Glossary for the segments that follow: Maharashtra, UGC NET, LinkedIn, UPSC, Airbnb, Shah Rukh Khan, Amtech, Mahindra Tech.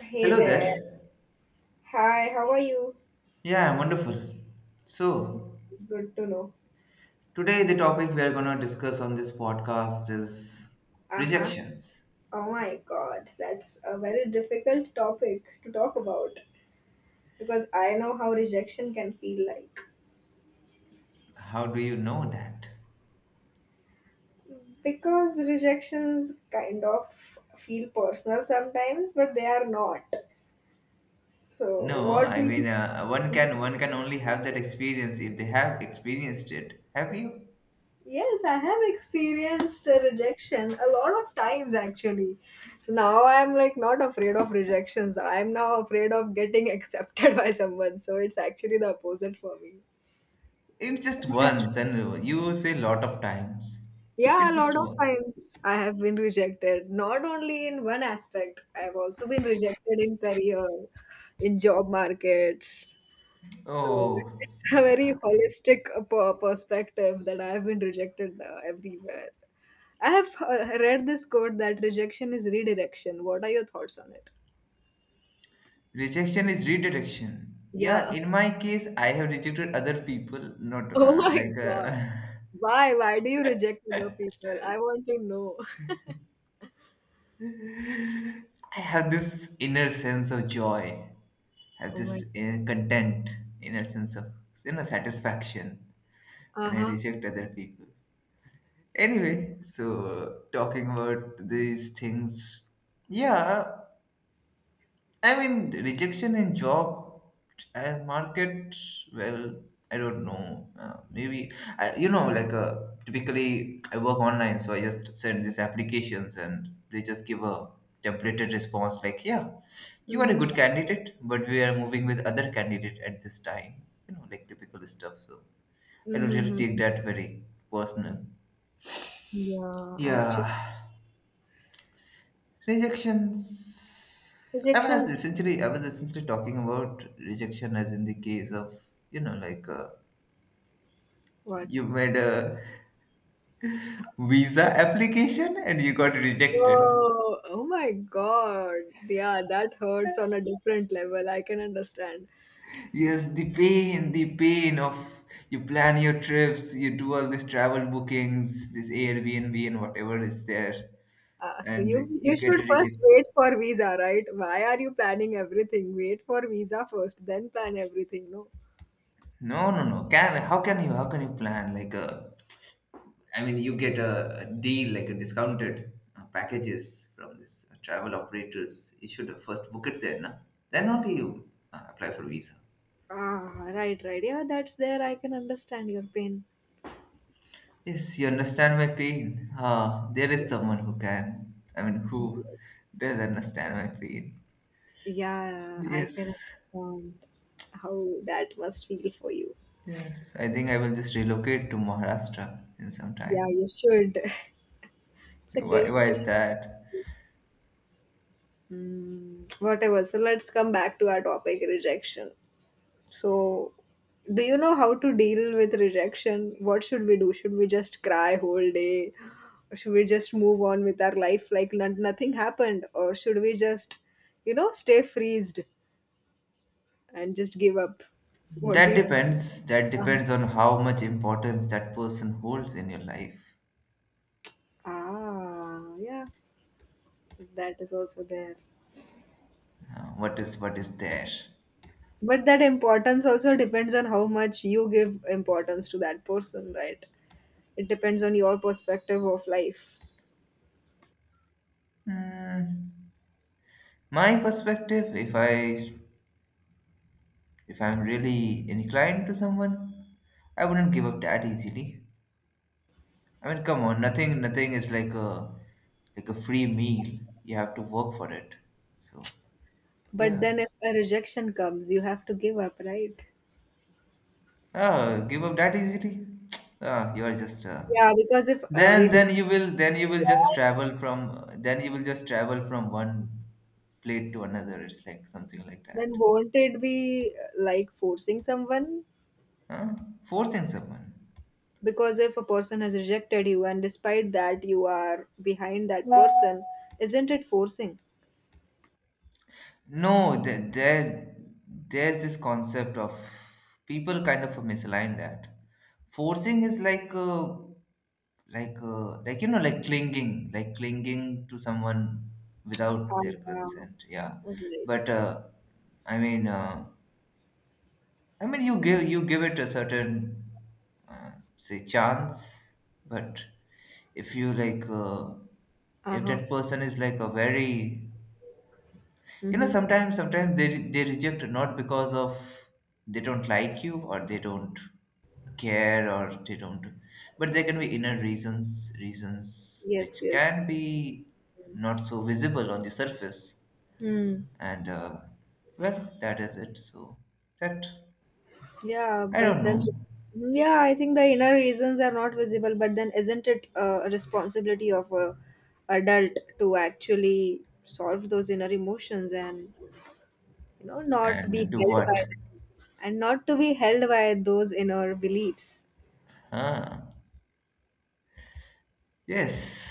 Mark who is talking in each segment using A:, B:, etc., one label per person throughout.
A: Hey
B: Hello
A: there.
B: there.
A: Hi, how are you?
B: Yeah, I'm wonderful. So,
A: Good to know.
B: today the topic we are going to discuss on this podcast is
A: Uh-huh.
B: rejections.
A: Oh my God, that's a very difficult topic to talk about because I know how rejection can feel like.
B: How do you know that?
A: Because rejections kind of feel personal sometimes, but they are not. So,
B: No,
A: what do
B: I mean
A: you
B: one can only have that experience if they have experienced it. Have you?
A: Yes, I have experienced rejection a lot of times actually. Now I'm like not afraid of rejections. I'm now afraid of getting accepted by someone. So it's actually the opposite for me.
B: It's just once and you say lot of times.
A: Yeah, a
B: It's just
A: lot of
B: one.
A: times I have been rejected. Not only in one aspect, I've also been rejected in career, in job markets. So
B: Oh,
A: it's a
B: yeah.
A: very holistic perspective that I've been rejected everywhere. I have read this quote that rejection is redirection. What are your thoughts on it?
B: Rejection is redirection. Yeah,
A: Yeah.
B: in my case, I have rejected other people, not
A: Oh my
B: like
A: God. Why? Why do you reject
B: uh,
A: other people? I want to know.
B: I have this inner sense of joy, have
A: Oh my
B: this inner
A: God.
B: content, inner sense of inner satisfaction
A: Uh
B: when I
A: huh.
B: reject other people. Anyway, so talking about these things, yeah, I mean rejection in job and market. Well, I don't know. Maybe I, you know, like typically I work online, so I just send these applications and they just give a templated response like, yeah, you are a
A: Mhm.
B: good candidate, but we are moving with other candidate at this time. You know, like typical stuff. So I don't really take
A: Mhm.
B: that very personal.
A: Yeah. Actually,
B: Yeah, rejections. I was
A: rejections.
B: essentially I was essentially talking about rejection as in the case of you know like uh,
A: What?
B: you made a visa application and you got rejected.
A: Oh. Oh my God. Yeah, that hurts on a different level. I can understand.
B: Yes, the pain of you plan your trips, you do all these travel bookings, this Airbnb and whatever is there,
A: Uh, so
B: and
A: you
B: you
A: you
B: get
A: should first
B: rejected.
A: wait for visa, right? Why are you planning everything? Wait for visa first, then plan everything. No.
B: No, no, no. Can how can you plan like a? I mean, you get a deal like a discounted packages from this travel operators. You should have first book it there, no? Then only you apply for visa.
A: Ah, right, right. Yeah, that's there. I can understand your pain.
B: Yes, you understand my pain. Ah, there is
A: Yes.
B: someone who can. I mean, who
A: Yes.
B: does understand my pain?
A: Yeah, I
B: Yes,
A: can understand how that must feel for you.
B: yes. I think I will just relocate to Maharashtra in some
A: Yeah,
B: time.
A: you should. It's a great
B: Why is
A: story.
B: that?
A: Mm, whatever. So let's come back to our topic, rejection. So, do you know how to deal with rejection? What should we do? Should we just cry whole day? Or should we just move on with our life like nothing happened? Or should we just, you know, stay freezed? And just give up. What do
B: That
A: you think?
B: depends. That
A: Uh-huh.
B: depends on how much importance that person holds in your life.
A: Ah, yeah, that is also there.
B: What is there?
A: But that importance also depends on how much you give importance to that person, right? It depends on your perspective of life.
B: Mm, my perspective, if I'm really inclined to someone, I wouldn't give up that easily. I mean, come on, nothing is like a free meal. You have to work for it. So
A: But
B: yeah.
A: then if a rejection comes, you have to give up, right?
B: Oh, give up that easily? Ah, you are just
A: Yeah, because if we don't,
B: then you will just travel from then you will just travel from one plate to another. It's like something like that.
A: then won't it be like forcing someone?
B: Huh? Forcing someone.
A: Because if a person has rejected you and despite that you are behind that person isn't it forcing
B: No, there, there's this concept of people kind of misalign that. Forcing is like you know, like clinging to someone without their
A: And, uh,
B: consent. Yeah,
A: right.
B: but I mean, uh, I mean, you give it a certain, uh, say, chance, but if you like, if
A: Uh-huh.
B: that person is like a very you know
A: Mm-hmm.
B: sometimes they reject not because of they don't like you or they don't care or they don't but there can be inner reasons
A: Yes,
B: which
A: yes.
B: can be not so visible on the surface
A: Hmm.
B: and well that is it so that
A: Yeah,
B: I
A: but
B: don't know
A: then, yeah, I think the inner reasons are not visible, but then isn't it a responsibility of a adult to actually solve those inner emotions and, you know, not be
B: and do
A: held
B: what
A: by them and not to be held by those inner beliefs?
B: huh yes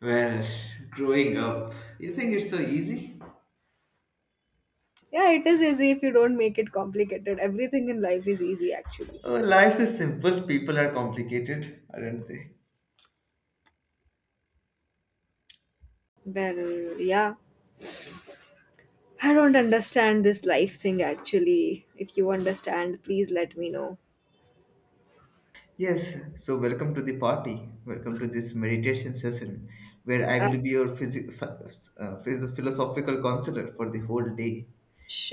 B: well growing up you think it's so easy.
A: Yeah, it is easy if you don't make it complicated. Everything in life is easy,
B: Oh,
A: actually.
B: life is simple, people are complicated, aren't they?
A: Well, yeah. I don't understand this life thing, actually. If you understand, please let me know.
B: Yes, so welcome to the party. Welcome to this meditation session where I
A: Uh,
B: will be your philosophical counselor for the whole day.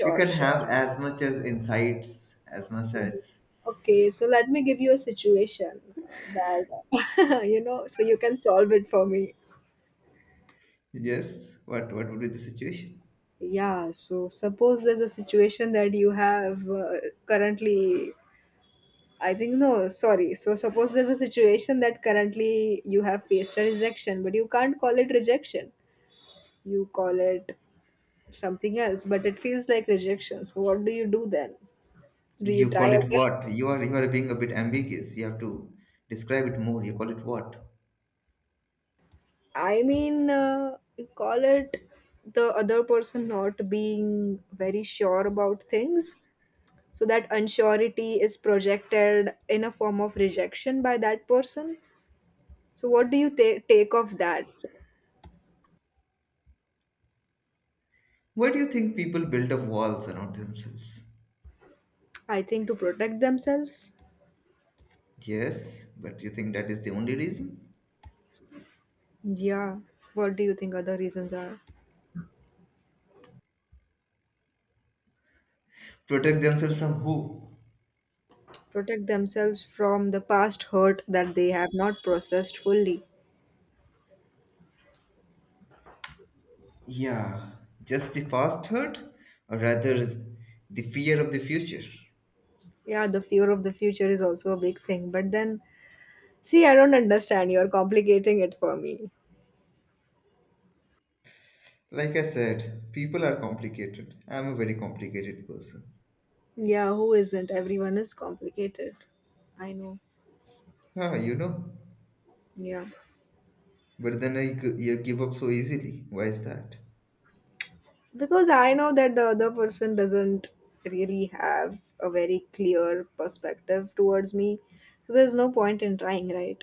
B: You can
A: sure.
B: have as much as insights, as much as
A: Mhm. Okay, so let me give you a situation that, you know, so you can solve it for me.
B: yes. What would be the situation?
A: Yeah, so suppose there's a situation that you have currently I think no, sorry. So suppose there's a situation that currently you have faced a rejection, but you can't call it rejection. You call it something else, but it feels like rejection. So what do you do then? Do you
B: You
A: try
B: call it what?
A: again?
B: You are being a bit ambiguous. You have to describe it more. You call it what?
A: I mean, you call it the other person not being very sure about things. So that unsurety is projected in a form of rejection by that person. So what do you take of that?
B: Why do you think people build up walls around themselves?
A: I think to protect themselves.
B: Yes, but you think that is the only reason?
A: Yeah, what do you think other reasons are?
B: Protect themselves from who?
A: Protect themselves from the past hurt that they have not processed fully.
B: Yeah, just the past hurt, or rather, the fear of the future.
A: Yeah, the fear of the future is also a big thing. But then, see, I don't understand. You're complicating it for me.
B: Like I said, people are complicated. I'm a very complicated person.
A: Yeah, who isn't? Everyone is complicated. I know.
B: Ah, you know,
A: Yeah.
B: but then you give up so easily. Why is that?
A: Because I know that the other person doesn't really have a very clear perspective towards me. So there's no point in trying, right?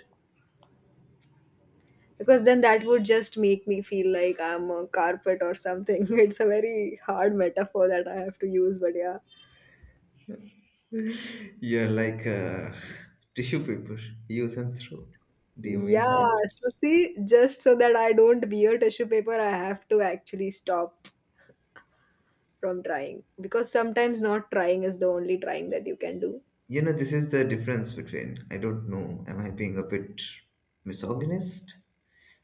A: Because then that would just make me feel like I'm a carpet or something. It's a very hard metaphor that I have to use, but yeah.
B: You're like tissue paper, use and throw. Do you
A: Yeah,
B: mean that?
A: so see, just so that I don't be a tissue paper, I have to actually stop from trying because sometimes not trying is the only trying that you can do.
B: You know, this is the difference between, I don't know, am I being a bit misogynist?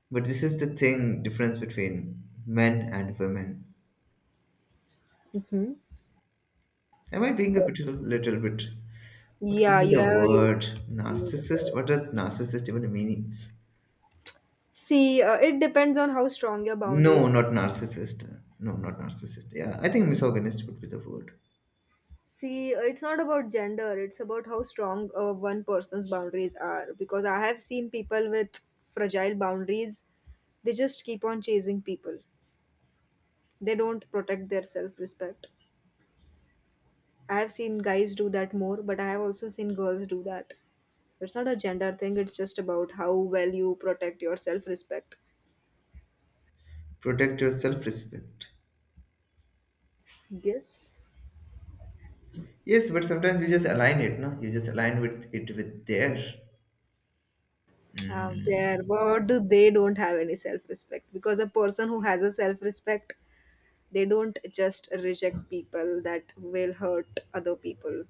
B: But this is the thing, difference between men and women.
A: Hmm.
B: Am I being a bit, little bit? What would
A: Yeah,
B: be the
A: yeah. You,
B: word? Narcissist? What does narcissist even mean?
A: see, it depends on how strong your
B: No,
A: boundaries
B: not narcissist. No, not narcissist. Yeah, I think misogynist would be the word.
A: See, it's not about gender, it's about how strong one person's boundaries are. Because I have seen people with fragile boundaries, they just keep on chasing people. They don't protect their self respect. I have seen guys do that more, but I have also seen girls do that. So it's not a gender thing, it's just about how well you protect your self respect.
B: Protect your self-respect.
A: Yes.
B: Yes, but sometimes you just align it, no? You just align with it with their.
A: There,
B: Mm.
A: but they don't have any self respect because a person who has a self respect They don't just reject people that will hurt other people.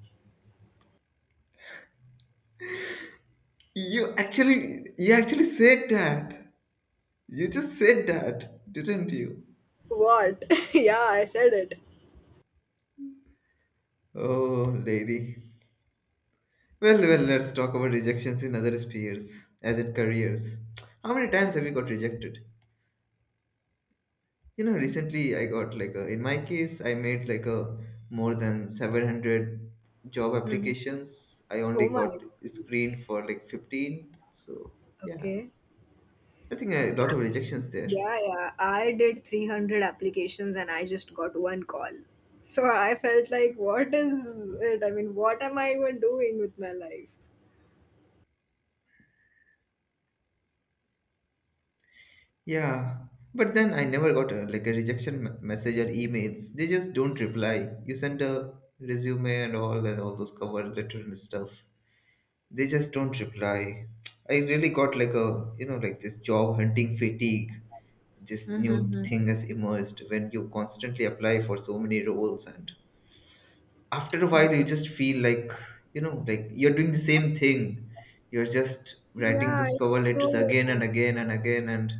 B: You actually said that. You just said that, didn't you?
A: What? Yeah, I said it.
B: Oh, lady. Well, well, let's talk about rejections in other spheres, as in careers. How many times have you got rejected? You know, recently I got like a, in my case, I made like a more than 700 job
A: Mhm.
B: applications. I only
A: Oh my God.
B: got screened for like 15. So, yeah,
A: Okay.
B: I think a lot of rejections there.
A: Yeah, yeah. I did 300 applications and I just got one call. So I felt like, what is it? I mean, what am I even doing with my life?
B: Yeah, but then I never got a, like a message or emails. They just don't reply. You send a resume and all those cover letter and stuff they just don't reply. I really got like a, you know, like this job hunting fatigue. This new
A: Mm-hmm.
B: thing has emerged when you constantly apply for so many roles, and after a while, you just feel like, you know, like you're doing the same thing. You're just writing
A: Yeah,
B: those cover
A: it's
B: letters again and
A: so
B: again and again, and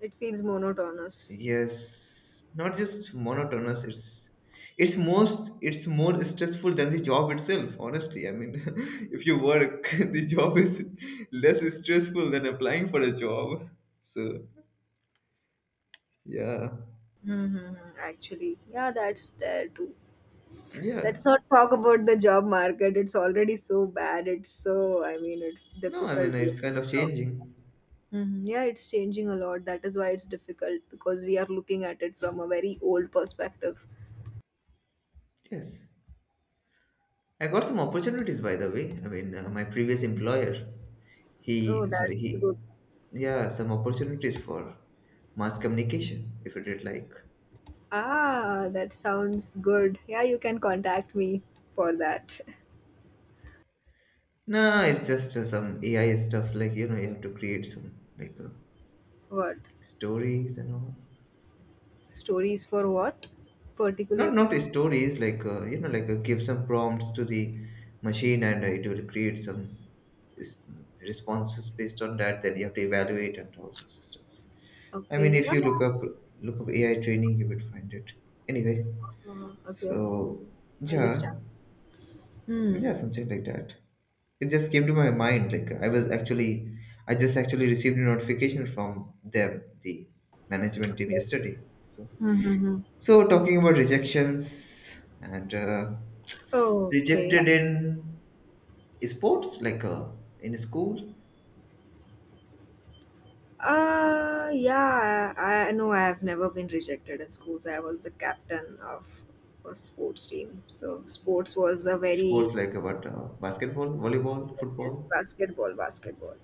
A: it feels monotonous.
B: yes, not just monotonous. It's more stressful than the job itself. Honestly, I mean, if you work, the job is less stressful than applying for a job. So yeah,
A: Mm-hmm. Actually, yeah, that's there too.
B: yeah.
A: Let's not talk about the job market. It's already so bad. It's so, I mean, it's
B: No, I mean
A: difficult to.
B: it's kind of changing.
A: Mhm. Yeah, it's changing a lot. That is why it's difficult because we are looking at it from a very old perspective.
B: Yes, I got some opportunities by the way. I mean, my previous employer,
A: Oh, that's
B: he,
A: good.
B: yeah, some opportunities for mass communication if you did like.
A: Ah, that sounds good. Yeah, you can contact me for that.
B: No, it's just some AI stuff. Like you know, you have to create some like
A: What?
B: stories and all.
A: Stories for what?
B: Not not
A: Particularly?
B: stories. Like you know, like give some prompts to the machine, and it will create some s- responses based on that. Then you have to evaluate and all sorts of stuff. I mean,
A: Okay.
B: if
A: Yeah.
B: you look up AI training, you will find it. Anyway,
A: Okay.
B: so yeah,
A: Understand. Hmm.
B: yeah, something like that. It just came to my mind. Like I was actually, I just actually received a notification from them, the management team
A: Okay.
B: yesterday. So,
A: Mm-hmm.
B: so talking about rejections and
A: Okay.
B: rejected in sports, like in school,
A: Yeah, I know I have never been rejected in schools. I was the captain of a sports team. So sports was a
B: sports
A: very,
B: like about basketball, volleyball,
A: yes, yes,
B: football,
A: basketball, basketball.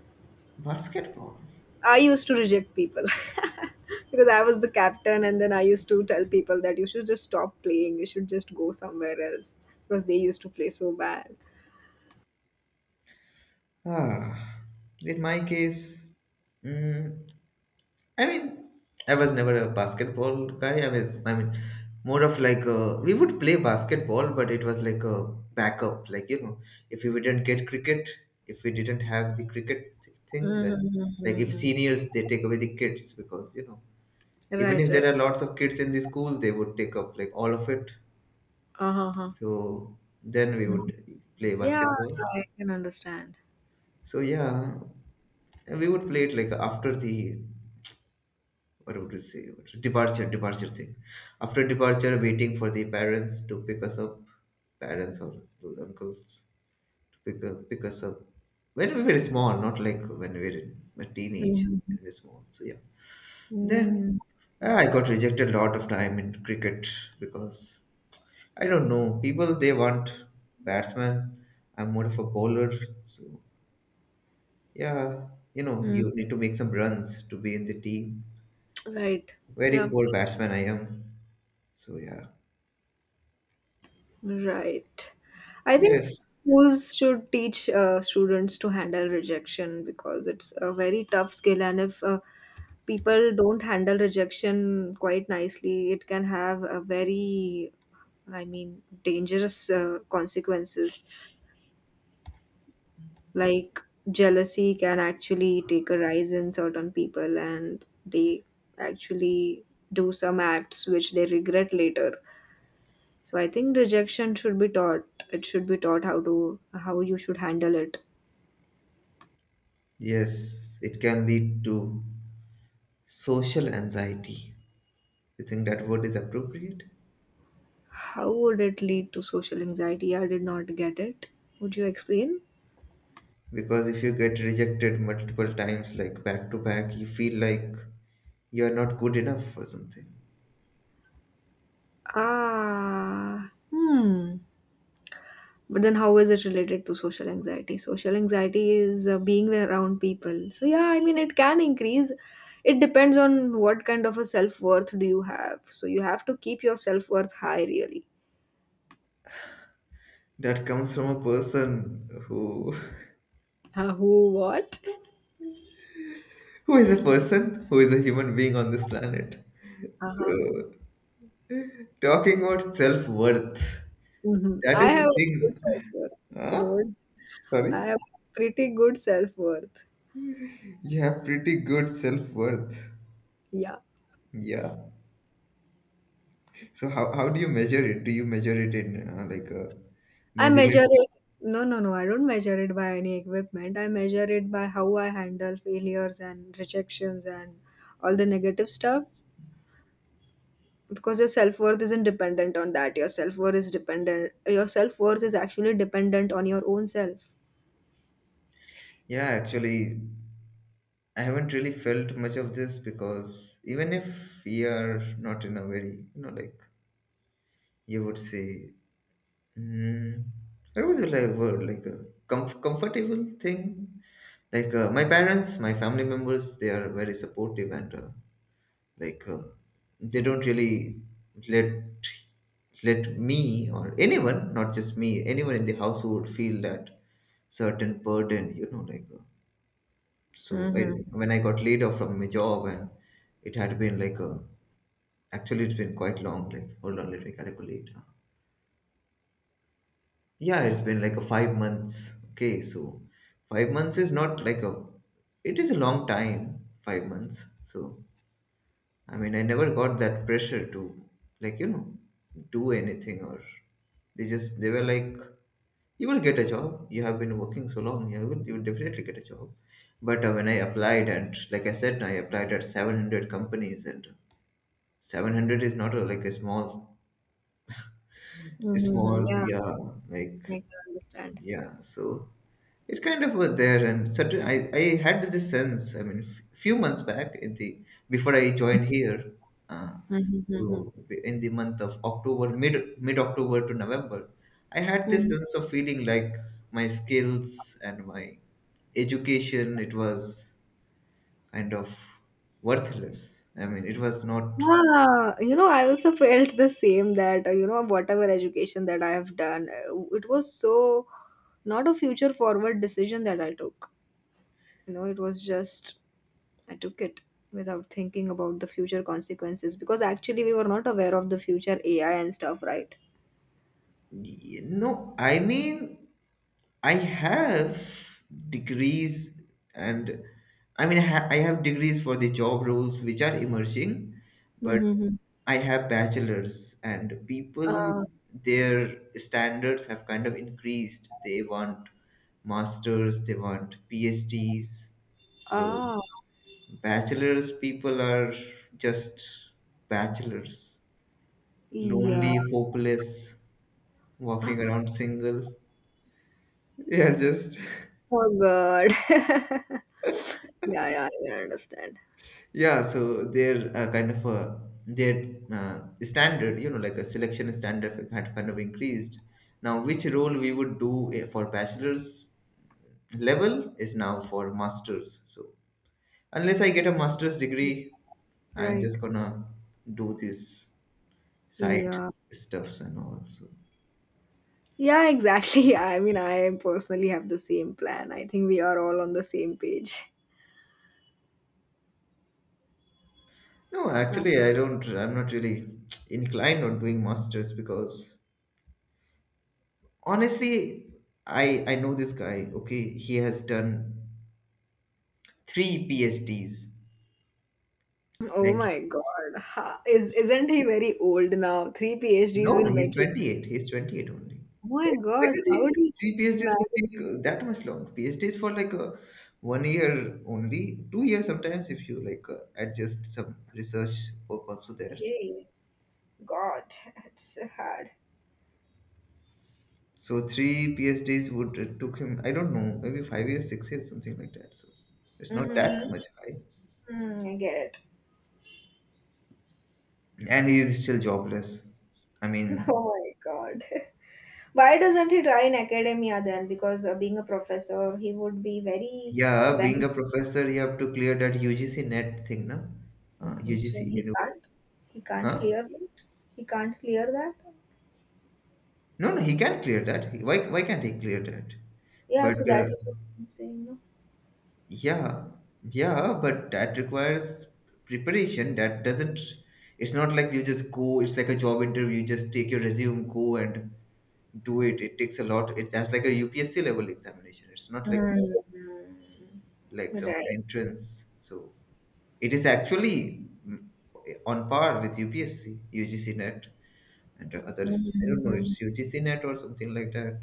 B: basketball.
A: I used to reject people because I was the captain, and then I used to tell people that you should just stop playing, you should just go somewhere else because they used to play so bad.
B: Ah, in my case, mm, I mean, I was never a basketball guy. I was, I mean, more of like we would play basketball, but it was like a backup. Like you know, if we didn't get cricket, if we didn't have the thing, then like if
A: Mm-hmm.
B: seniors they take away the kids because you know even
A: Right,
B: if
A: right.
B: there are lots of kids in the school, they would take up like all of it.
A: Uh-huh. Uh-huh.
B: So then we
A: Mhm.
B: would play
A: Yeah,
B: basketball.
A: I can understand.
B: So yeah, we would play it like after the what would you say? Departure, departure thing. After departure, waiting for the parents to pick us up, parents or those uncles to pick up, pick us up. When we were small, not like when we were in a teenage, when we were small. So yeah. Then
A: Mm-hmm.
B: I got rejected a lot of time in cricket because I don't know people they want batsman. I'm more of a bowler, so yeah, you know you need to make some runs to be in the team.
A: Right.
B: Very
A: Yeah.
B: poor batsman I am. So yeah.
A: Right. I think
B: Yes.
A: schools should teach students to handle rejection because it's a very tough skill, and if people don't handle rejection quite nicely, it can have a very, I mean, dangerous consequences. Like jealousy can actually take a rise in certain people, and they actually do some acts which they regret later. So I think rejection should be taught. It should be taught how to how you should handle it.
B: Yes. It can lead to social anxiety. You think that word is appropriate?
A: How would it lead to social anxiety? I did not get it. Would you explain?
B: Because if you get rejected multiple times, like back to back, you feel like you're not good enough for something.
A: Ah, hmm. But then, how is it related to social anxiety? Social anxiety is being around people. So yeah, I mean, it can increase. It depends on what kind of a self worth do you have. So you have to keep your self worth high, really.
B: That comes from a person who
A: Who, what?
B: who is a person, who is a human being on this planet.
A: Uh-huh.
B: So talking about self worth,
A: Hmm.
B: that
A: I
B: is the
A: have a good
B: thing.
A: self worth, so
B: Huh?
A: don't
B: Sorry?
A: I have pretty good self-worth.
B: You have pretty good self-worth.
A: Yeah.
B: Yeah. So how do you measure it? Do you measure it in like
A: I
B: measure
A: measure
B: it?
A: it. No, no, no. I don't measure it by any equipment. I measure it by how I handle failures and rejections and all the negative stuff. Because your self-worth isn't dependent on that. Your self-worth is actually dependent on your own self.
B: Yeah, actually, I haven't really felt much of this because even if we are not in a very, you know, like you would say, mm, what would you like word like a comfortable thing? Like, my parents, my family members, they are very supportive and like uh, they don't really let let me or anyone, not just me, anyone in the household feel that certain burden. So
A: Mm-hmm.
B: I, when I got laid off from my job, and it had been like a actually, it's been quite long. Like, hold on, let me calculate. Yeah, it's been like a 5 months. Okay, so 5 months is not like a it is a long time, 5 months. So, I mean, I never got that pressure to, like, do anything, or they were like, you will get a job. You have been working so long. You will definitely get a job. But when I applied, and, like I said, I applied at 700 companies. And 700 is not a, like a small,
A: Mm-hmm. Yeah,
B: yeah, like,
A: I can understand.
B: yeah, so it kind of was there. And suddenly I had this sense, I mean, few months back, in the before I joined here. uh,
A: Mm-hmm.
B: so, in the month of October, mid October to November, I had this sense of feeling like my skills and my education, it was kind of worthless. I mean, it was not.
A: Yeah, you know, I also felt the same that, you know, whatever education that I have done, it was so not a future forward decision that I took. You know, it was just, I took it without thinking about the future consequences because actually we were not aware of the future AI and stuff, right?
B: No, I mean, I have degrees. And I mean, I have degrees for the job roles which are emerging, but
A: Mm-hmm.
B: I have bachelors, and people,
A: Uh,
B: their standards have kind of increased. They want masters, they want PhDs. So,
A: ah,
B: bachelors people are just bachelors,
A: yeah.
B: lonely, hopeless, walking around single. Yeah, just
A: Oh, God. Yeah, yeah, I understand.
B: yeah. So their kind of their standard, you know, like a selection standard had kind of increased. Now which role we would do for bachelor's level is now for masters. So unless I get a master's degree, I'm
A: Right.
B: just gonna do this side
A: Yeah.
B: stuffs and all. So,
A: Yeah, exactly. I mean, I personally have the same plan. I think we are all on the same page.
B: no,
A: Uh,
B: actually, I'm not really inclined on doing masters because, honestly, I know this guy, okay, he has done three PhDs.
A: Oh
B: Like,
A: my God. Ha- Is isn't he very old now? Three
B: no,
A: PhDs will
B: no, he's
A: make you.
B: 28. He's 28 only.
A: Oh
B: Why,
A: my
B: why
A: God,
B: do you
A: how
B: think
A: do you
B: three PhDs would
A: manage?
B: take that much long? PhDs for, like, one year only, 2 years sometimes if you, like, adjust some research work also there.
A: Okay, God, it's so hard.
B: So three PhDs, would it took him, I don't know, maybe 5 years, 6 years, something like that. So it's not that
A: Mm-hmm.
B: much high.
A: Mm, I get it.
B: And he is still jobless. I
A: Oh
B: mean.
A: my God. Why doesn't he try in academia then? Because being a professor, he would be very
B: Yeah, being
A: well.
B: a professor, you have to clear that UGC net thing, na?
A: So
B: UGC,
A: he can't. He can't
B: huh?
A: clear it. He can't clear that.
B: No, no, he can clear that. Why can't he clear that?
A: Yeah,
B: But
A: so that is what I'm saying, no?
B: Yeah, yeah, but that requires preparation. That doesn't. It's not like you just go. It's like a job interview. You just take your resume, go, and do it. It takes a lot. It's that's like a UPSC level examination. It's not like some,
A: Mm.
B: like some
A: Right.
B: entrance. So. It is actually on par with UPSC, UGC NET, and the others. I don't know,
A: Mhm.
B: it's UGC NET or something like that.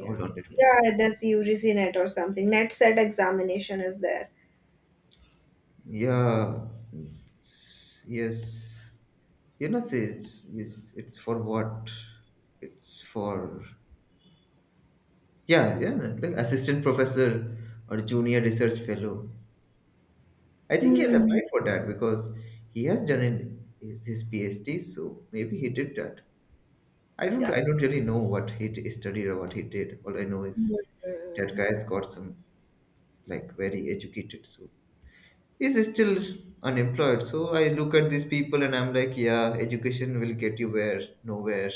B: Hold on, let me look.
A: Yeah, there's UGC net or something. Net set examination is there.
B: Yeah, yes. You know, see, it's for what? It's for, yeah, yeah, like, assistant professor or junior research fellow. I think he has
A: Hmm.
B: applied for that because he has done in his PhD, so maybe he did that. I don't
A: Yeah.
B: I don't really know what he studied or what he did. All I know is that
A: Mm.
B: guy's got some, like, very educated, so he's still unemployed. So I look at these people and I'm like, yeah, education will get you where, nowhere.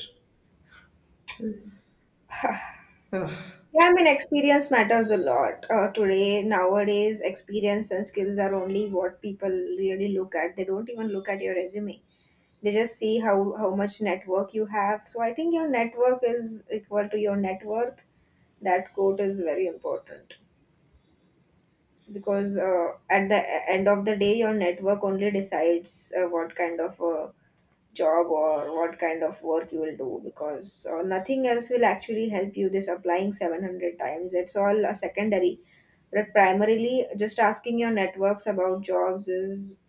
B: Ah.
A: Yeah, I mean, experience matters a lot. Today, nowadays, experience and skills are only what people really look at. They don't even look at your resume. They just see how much network you have. So I think your network is equal to your net worth. That quote is very important. Because at the end of the day your network only decides what kind of job or what kind of work you will do because nothing else will actually help you this applying 700 times it's all a secondary but primarily just asking your networks about jobs is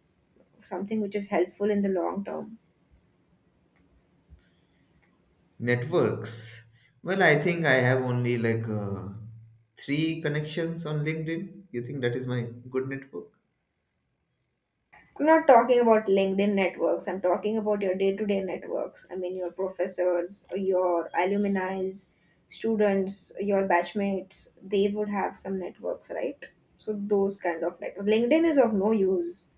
A: something which is helpful in the long term
B: Networks. Well, I think I have only, like, three connections on LinkedIn. You think that is my good network?
A: I'm not talking about LinkedIn networks. I'm talking about your day to day networks. I mean, your professors, your alumni, students, your batchmates, they would have some networks, right? So, those kind of networks. LinkedIn is of no use.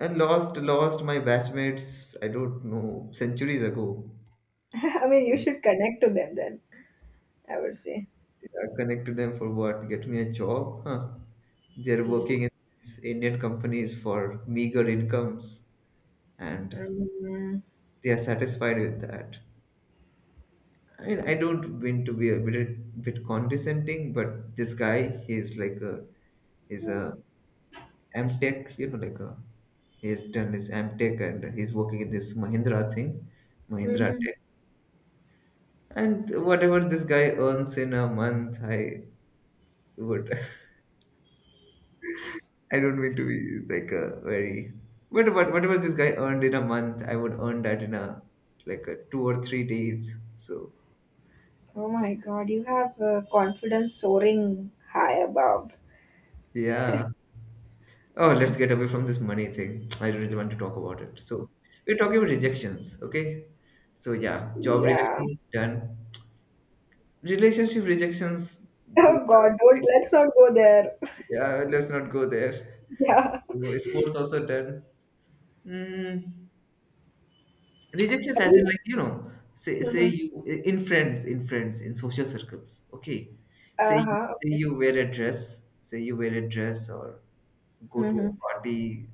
B: And lost my batchmates, I don't know, centuries ago.
A: I mean, you
B: So,
A: should connect to them then, I would say.
B: I connect to them for what? Get me a job? Huh. They're
A: The,
B: working in these Indian companies for meager incomes, and
A: mm,
B: they are satisfied with that. I mean, I don't mean to be a bit condescending, but this guy, he's a Amtech, you know, he's done his Amtech and he's working in this Mahindra thing, Mahindra
A: mhm.
B: Tech. And whatever this guy earns in a month, I would I don't mean to be, like, a very, but whatever this guy earned in a month, I would earn that in a like a 2 or 3 days. So,
A: Oh my God, you have confidence soaring high above.
B: yeah. Oh, let's get away from this money thing. I don't really want to talk about it. So we're talking about rejections, okay? So, yeah, job
A: Yeah.
B: rejection done. Relationship rejections, those
A: Oh
B: are
A: God, don't
B: things.
A: let's not go there.
B: Yeah, let's not go there.
A: Yeah.
B: So, sports also done. Mm, Rejections, as in, like, say
A: Mhm.
B: you, in friends, in social circles, okay. Say
A: Uh-huh.
B: say you wear a dress, say you wear a dress or go to a
A: Mm-hmm.
B: party,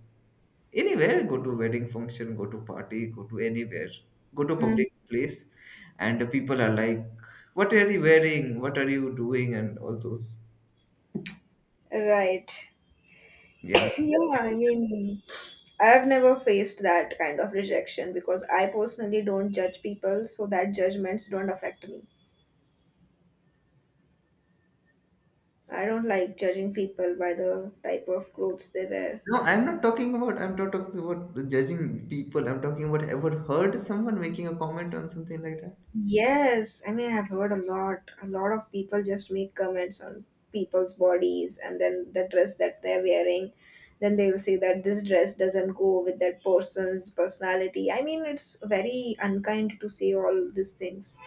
B: anywhere, go to wedding function, go to party, go to anywhere, go to
A: Mm.
B: public place, and the people are like, what are you wearing? What are you doing? And all those.
A: Right.
B: Yeah.
A: Yeah, I mean, I've never faced that kind of rejection because I personally don't judge people, so that judgments don't affect me. I don't like judging people by the type of clothes they wear.
B: No, I'm not talking about judging people. I'm talking about, ever heard someone making a comment on something like that?
A: Yes, I mean I've heard a lot. A lot of people just make comments on people's bodies and then the dress that they're wearing. Then they will say that this dress doesn't go with that person's personality. I mean, it's very unkind to say all these things.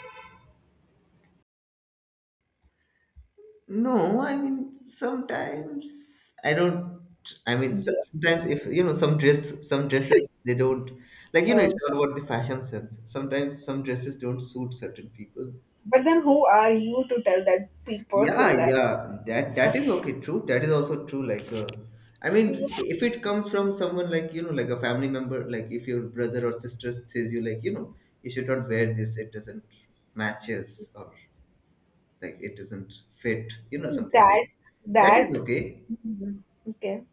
B: No, I mean sometimes I don't. I mean,
A: Yeah.
B: sometimes if you know some dresses they don't, like, you know, it's
A: Um,
B: all about the fashion sense. Sometimes some dresses don't suit certain people.
A: but then who are you to tell that person
B: Yeah,
A: that?
B: yeah, that that is okay. True, that is also true. Like, I mean,
A: Yeah,
B: if it comes from someone, like, you know, like a family member, like, if your brother or sister says, you, like, you know, you should not wear this. It doesn't matches, or like it doesn't fit. You know, something like
A: that
B: that is
A: that.
B: okay.
A: Mhm. Okay.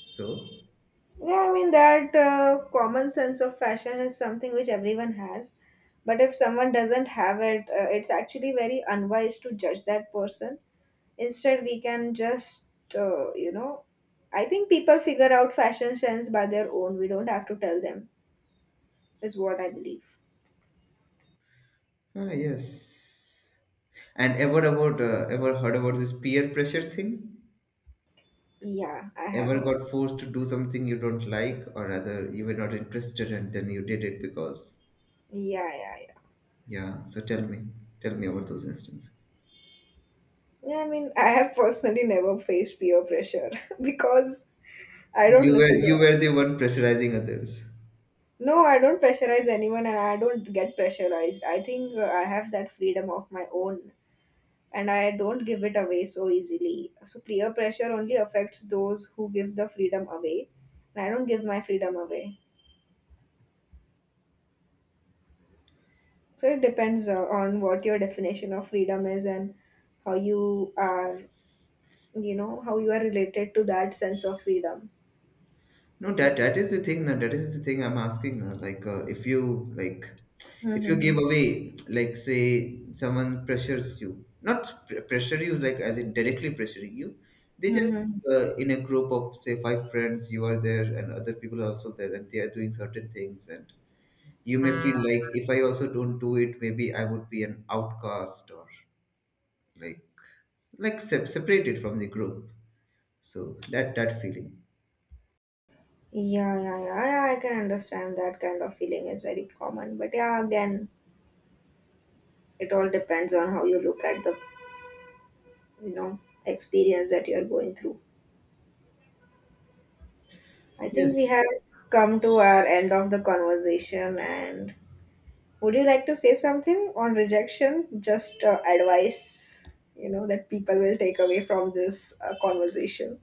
B: So,
A: Yeah, I mean, that common sense of fashion is something which everyone has. But if someone doesn't have it, it's actually very unwise to judge that person. Instead, we can just, you know, I think people figure out fashion sense by their own. We don't have to tell them, is what I believe.
B: ah, yes. And ever heard about this peer pressure thing?
A: Yeah, I have
B: Ever
A: heard. Of.
B: got forced to do something you don't like, or rather you were not interested, and then you did it because,
A: Yeah, yeah, yeah.
B: yeah. So tell me about those instances.
A: Yeah, I mean, I have personally never faced peer pressure because I don't
B: You were
A: listen to
B: you were the one pressurizing others.
A: No, I don't pressurize anyone and I don't get pressurized. I think I have that freedom of my own and I don't give it away so easily. So, peer pressure only affects those who give the freedom away, and I don't give my freedom away. So, it depends on what your definition of freedom is and how you are, you know, how you are related to that sense of freedom.
B: No, that is the thing. Now that is the thing I'm asking. Now, like, if you give
A: Mm-hmm.
B: away, like, say, someone pressures you, not pressure you, like, as in directly pressuring you. They just
A: Mm-hmm.
B: in a group of, say, five friends, you are there, and other people are also there, and they are doing certain things, and you may feel like if I also don't do it, maybe I would be an outcast or like like separated from the group. So that feeling.
A: Yeah, yeah, yeah, yeah. I can understand that kind of feeling is very common. But yeah, again, it all depends on how you look at the you know experience that you're going through I think we
B: Yes.
A: have come to our end of the conversation and would you like to say something on rejection just advice you know that people will take away from this conversation.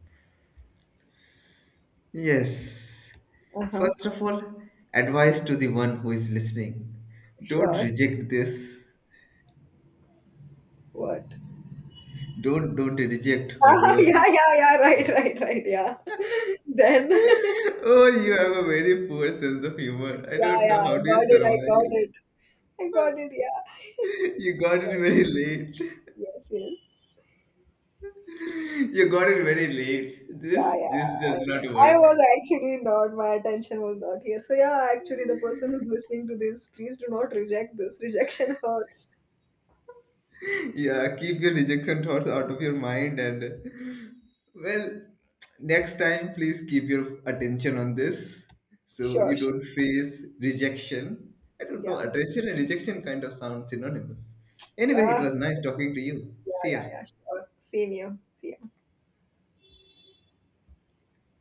B: Yes.
A: Uh-huh.
B: First of all, advice to the one who is listening. Don't
A: Sure.
B: reject this.
A: What?
B: Don't reject
A: Ah,
B: whatever.
A: yeah yeah yeah right right right yeah. Then
B: Oh, you have a very poor sense of humor. I
A: yeah
B: don't know
A: yeah i
B: how do you
A: got it i got
B: survive.
A: it I got it. Yeah.
B: You got it very late.
A: Yes, yes.
B: You got it very late. This
A: Yeah, yeah.
B: this
A: I,
B: does not
A: know. I
B: work.
A: was actually not, my attention was not here. So, yeah, actually, the person who's listening to this, please do not reject this. Rejection hurts.
B: Yeah, keep your rejection thoughts out of your mind, and, well, next time, please keep your attention on this so
A: Sure,
B: you
A: sure.
B: don't face rejection. I don't know,
A: Yeah.
B: attention and rejection kind of sound synonymous. Anyway, it
A: Ah,
B: was nice talking to you.
A: yeah,
B: See ya.
A: yeah, yeah. Sure. Same here. See ya.